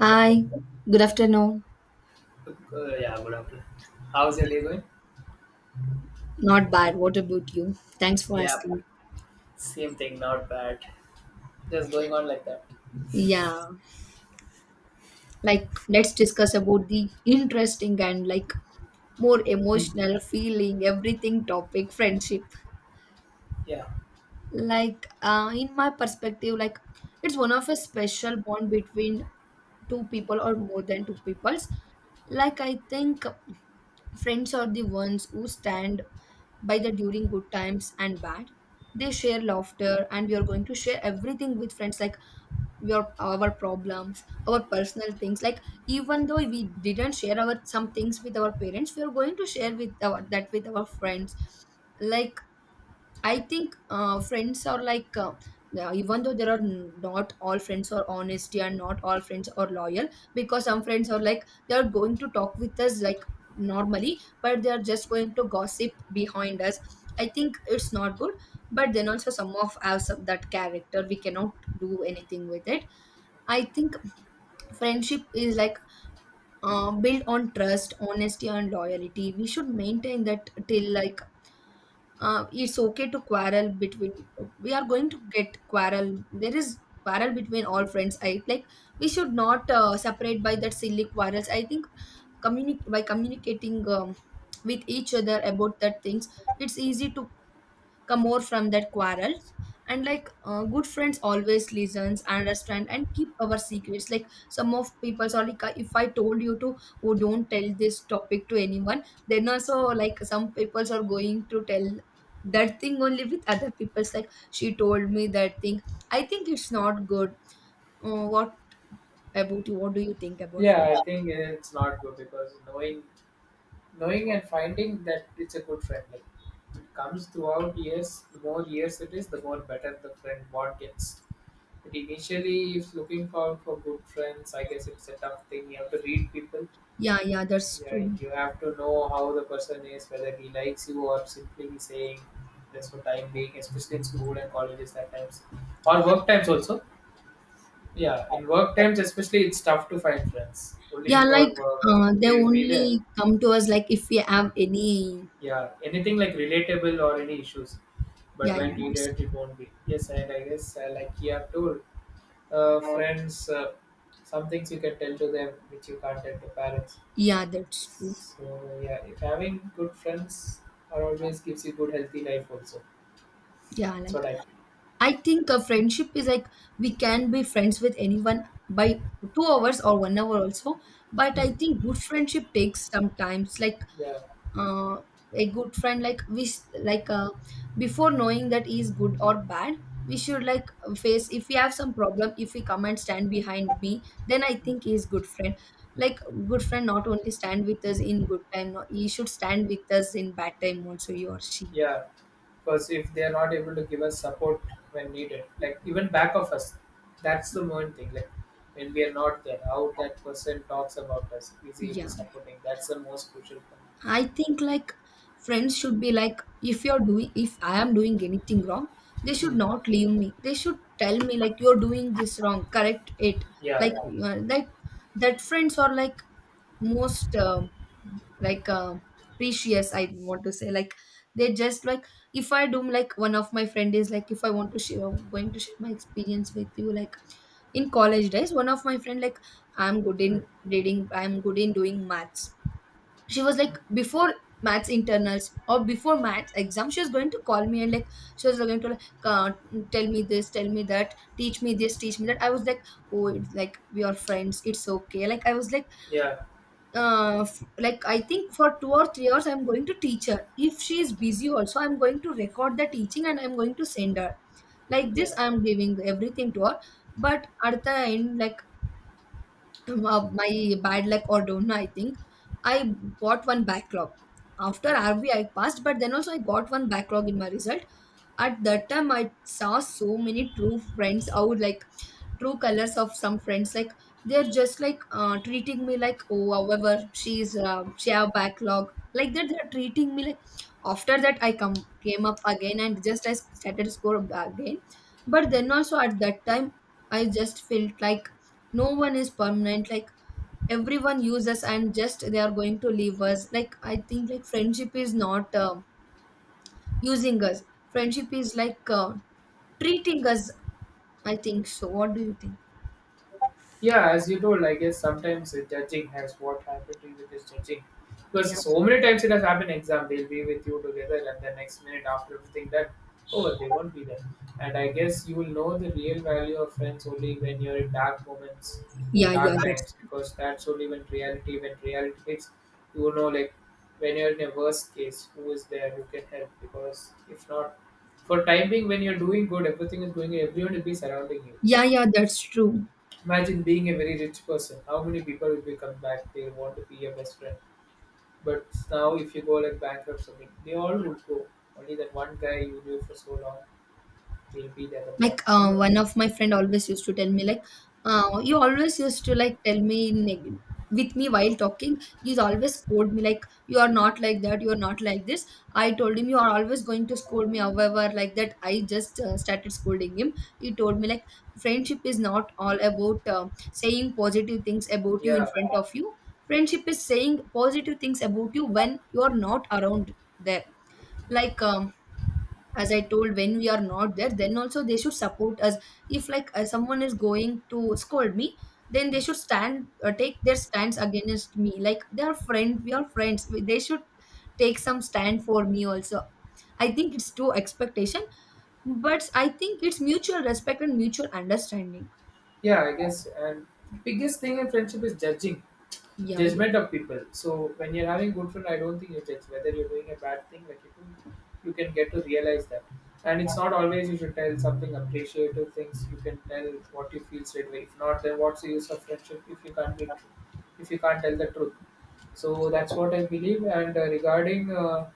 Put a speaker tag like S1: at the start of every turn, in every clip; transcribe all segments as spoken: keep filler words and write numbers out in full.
S1: Hi, good afternoon.
S2: Good, yeah, good afternoon. How's your day going?
S1: Not bad. What about you? Thanks for
S2: Yeah,
S1: asking.
S2: same thing, not bad. Just going on like that.
S1: Yeah, like let's discuss about the interesting and like more emotional feeling, everything topic, friendship.
S2: Yeah.
S1: Like, uh, in my perspective, like it's one of a special bond between two people or more than two peoples. Like, I think friends are the ones who stand by the during good times and bad. They share laughter, and we are going to share everything with friends, like your our problems, our personal things. Like even though we didn't share our some things with our parents, we are going to share with our that with our friends. Like I think uh, friends are like, uh, uh, even though there are n- not all friends are honesty and not all friends are loyal, because some friends are like, they are going to talk with us like normally, but they are just going to gossip behind us. I think it's not good, but then also some of us of that character, we cannot do anything with it. I think friendship is like uh, built on trust, honesty, and loyalty. We should maintain that till like uh, it's okay to quarrel between we are going to get quarrel there is quarrel between all friends I like we should not uh, separate by that silly quarrels. I think communi- by communicating um, with each other about that things it's easy to come more from that quarrels. And like uh, good friends always listens understand and keep our secrets, like some of people are like if I told you to, oh, don't tell this topic to anyone, then also like some people are going to tell that thing only with other people's like she told me that thing. I think it's not good. Uh, what about you? What do you think about
S2: Yeah, I
S1: friends?
S2: think it's not good because knowing knowing and finding that it's a good friend. Like it comes throughout years, the more years it is, the more better the friend bond gets. But initially if looking for for good friends, I guess it's a tough thing. You have to read people.
S1: Yeah, yeah, that's
S2: Yeah,
S1: true.
S2: you have to know how the person is, whether he likes you or simply saying this for time being, especially in school and colleges at times. Or work times also. Yeah, in work times especially it's tough to find friends. Only
S1: Yeah,
S2: for
S1: like
S2: work
S1: uh, they
S2: they will be there.
S1: only come to us like if we have any.
S2: Yeah. Anything like relatable or any issues. But
S1: Yeah, yeah,
S2: when
S1: that's.
S2: needed it won't be. Yes, and I guess uh, like you have told, uh, friends, uh, some things you can tell to them which you can't tell to parents.
S1: Yeah, that's true.
S2: So yeah, if having good friends are always gives you good healthy life also.
S1: Yeah,
S2: That's
S1: like
S2: what I feel.
S1: I think a friendship is like we can be friends with anyone by two hours or one hour also. But I
S2: Hmm.
S1: think good friendship takes some times. Like
S2: Yeah,
S1: uh, a good friend, like we s- like uh, before knowing that he is good or bad, we should like face if we have some problem. If we come and stand behind me, then I think he is good friend. Like good friend, not only stand with us in good time, no, he should stand with us in bad time also. He or she.
S2: yeah. Because if they are not able to give us support when needed, like even back of us, that's the main thing. Like when we are not there, how that person talks about us, is he
S1: Yeah.
S2: supporting? That's the most crucial thing.
S1: I think like friends should be like if you're doing if I am doing anything wrong, they should
S2: Hmm.
S1: not leave me. They should tell me like you're doing this wrong, correct it.
S2: Yeah.
S1: Like uh, that that friends are like most um like uh, precious. I want to say like they just like if I do like one of my friend is like if I want to share going to share my experience with you, like in college days one of my friend like I'm good
S2: Hmm.
S1: in reading I'm good in doing maths. She was
S2: Hmm.
S1: like before maths internals or before maths exam she was going to call me and like she was going to like uh, tell me this tell me that teach me this teach me that. I was like, oh, it's like we are friends it's okay. Like I was like
S2: Yeah,
S1: uh f- like I think for two or three hours I'm going to teach her, if she is busy also I'm going to record the teaching and I'm going to send her. Like
S2: yeah.
S1: this I'm giving everything to her. But at the end like uh, my bad luck or don't know, I think I got one backlog. After
S2: Hmm.
S1: R B I passed, but then also I got one backlog in my result. At that time, I saw so many true friends out, like true colors of some friends. Like they're just like uh, treating me like, oh, however, she's uh, she have backlog. Like that, they're treating me like. After that, I come came up again and just I started score again. But then
S2: Hmm.
S1: also at that time, I just felt like no one is permanent. Like everyone uses and just they are going to leave us, like I think like friendship is not uh, using us. Friendship is like uh, treating us. I think so. What do you think?
S2: Yeah, as you told, I guess sometimes the judging has what happened to you is judging. Because
S1: Yeah,
S2: so many times it has happened exam, they'll be with you together and the next minute after everything done, oh they won't be there. And I guess you will know the real value of friends only when you're in dark moments,
S1: yeah, yeah,
S2: dark
S1: that's.
S2: times, because that's only when reality when reality hits, you will know like when you're in a worst case, who is there, who can help, because if not for time being when you're doing good, everything is going, everyone will be surrounding you.
S1: Yeah, yeah, that's true.
S2: Imagine being a very rich person. How many people will become back? They want to be your best friend. But now, if you go like bankrupt something, they all would go. Only that one guy you knew for so long will be there. The other one.
S1: Like
S2: You
S1: uh,
S2: know?
S1: one of my friend always used to tell me like uh, you always used to like tell me neg- with me while talking you always scold me like you are not like that you are not like this. I told him you are always going to scold me however like that. I just uh, started scolding him. He told me like friendship is not all about uh, saying positive things about you in
S2: Yeah,
S1: front of you. Friendship is saying positive things about you when you are not around there. Like um, as I told when we are not there then also they should support us, if like uh, someone is going to scold me then they should stand uh, take their stands against me like they are friends we are friends. We- they should take some stand for me also. I think it's too expectation, but I think it's mutual respect and mutual understanding.
S2: yeah, I guess. And biggest thing in friendship is judging.
S1: Yeah, yeah,
S2: Judgment of people. So when you're having good friend, I don't think you judge whether you're doing a bad thing. Like you can, you can get to realize that. And it's not always you should tell something appreciative things. You can tell what you feel straight away. If not, then what's the use of friendship if you can't be true, if you can't tell the truth. So that's what I believe. And uh, regarding, uh,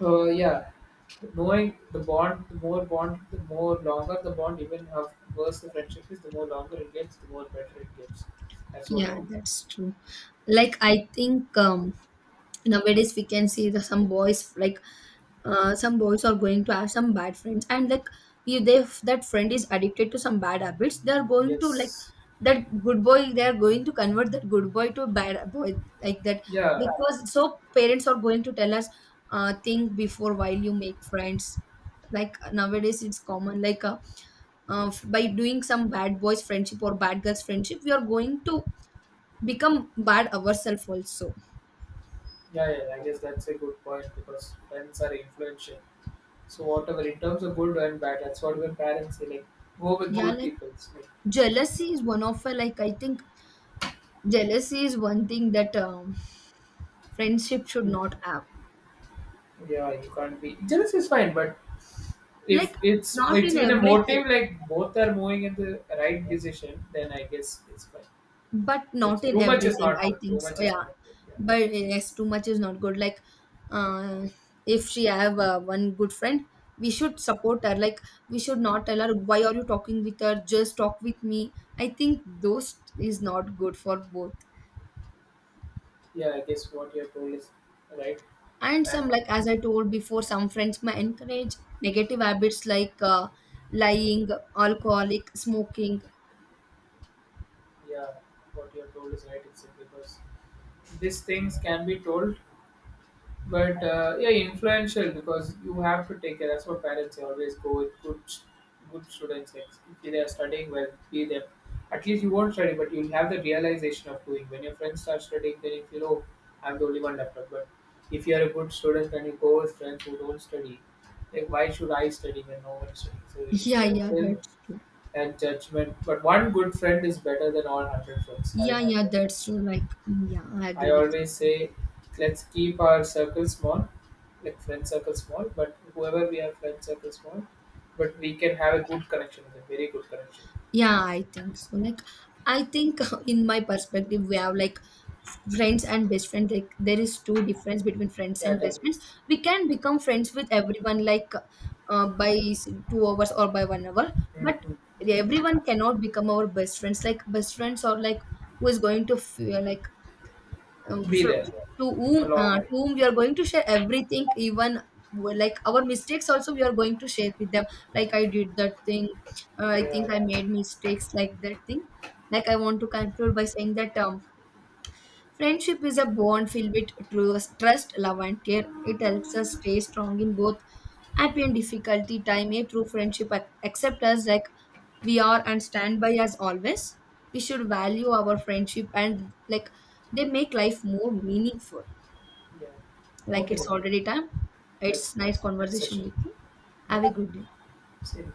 S2: uh, yeah, knowing the bond, the more bond, the more longer the bond, even how worse the friendship is, the more longer it gets, the more better it gets. That's what I
S1: yeah,
S2: feel.
S1: that's true. Like I think um nowadays we can see the, some boys like uh, some boys are going to have some bad friends and like you, they if that friend is addicted to some bad habits they are going to like
S2: Yes.
S1: that good boy they are going to convert that good boy to a bad boy like that.
S2: Yeah,
S1: Because so parents are going to tell us uh, think before while you make friends. Like nowadays it's common like uh, uh, f- by doing some bad boys friendship or bad girls friendship we are going to become bad ourselves also.
S2: yeah, yeah. I guess that's a good point because friends are influential. So whatever, in terms of good and bad, that's what when parents say like, go with
S1: Yeah,
S2: good
S1: like
S2: people. It's like,
S1: jealousy is one of a like I think jealousy is one thing that um, friendship should not have.
S2: yeah, you can't be jealous is fine, but
S1: Like
S2: if it's
S1: not
S2: it's
S1: in
S2: with a
S1: everything,
S2: motive like both are moving in the right decision, then I guess it's fine.
S1: but
S2: But
S1: not in
S2: too much is
S1: everything
S2: not
S1: I
S2: good.
S1: think
S2: Too
S1: so.
S2: much is
S1: Yeah,
S2: not good. Yeah,
S1: but yes too much is not good. Like uh, if she have uh, one good friend we should support her, like we should not tell her why are you talking with her just talk with me. I think those is not good for both.
S2: yeah. I guess what you're told is right,
S1: And some,
S2: and
S1: like as I told before, some friends may encourage negative habits like uh, lying, alcoholic, smoking.
S2: yeah, what you're told is right. It's because these things can be told. But uh, yeah, influential because you have to take care. That's what parents always go with good, good students. Yes. If they are studying well, be them. At least you won't study, but you'll have the realization of doing. When your friends start studying, then you feel, oh, I'm the only one left out. But if you are a good student and you go with friends who don't study, like why should I study when no one studies? So
S1: Yeah, yeah,
S2: influential
S1: that's true.
S2: and judgment. But one good friend is better than all hundred friends. Having
S1: Yeah, yeah,
S2: hundred
S1: that's
S2: friends.
S1: true. Like, yeah, I agree
S2: I
S1: with
S2: always
S1: you.
S2: say, let's keep our circle small, like friend circle small, but whoever we are friend circle small, but we can have a good connection with them, very good connection.
S1: Yeah, I think so. Like, I think in my perspective, we have like friends and best friends. Like, there is two difference between friends and best friends.
S2: Categories.
S1: We can become friends with everyone, like uh, by s- two hours or by one hour, but
S2: Hmm.
S1: everyone cannot become our best friends. Like, best friends are like who is going to feel like um,
S2: Be
S1: from,
S2: there
S1: to whom uh,
S2: along
S1: to
S2: with.
S1: whom we are going to share everything, even like our mistakes also we are going to share with them, like I did that thing. uh, I
S2: Yeah,
S1: think I made mistakes like that thing. Like I want to conclude by saying that um, friendship is a bond filled with trust, trust, love, and care. It helps us stay strong in both happy and difficulty time. A true friendship ac- accept us like we are and stand by us always. We should value our friendship, and like they make life more meaningful.
S2: yeah.
S1: Like
S2: Okay
S1: it's
S2: then.
S1: already time.
S2: Let's
S1: It's nice
S2: connect next
S1: conversation
S2: session.
S1: with you.
S2: Yeah.
S1: Have a good day.
S2: See you.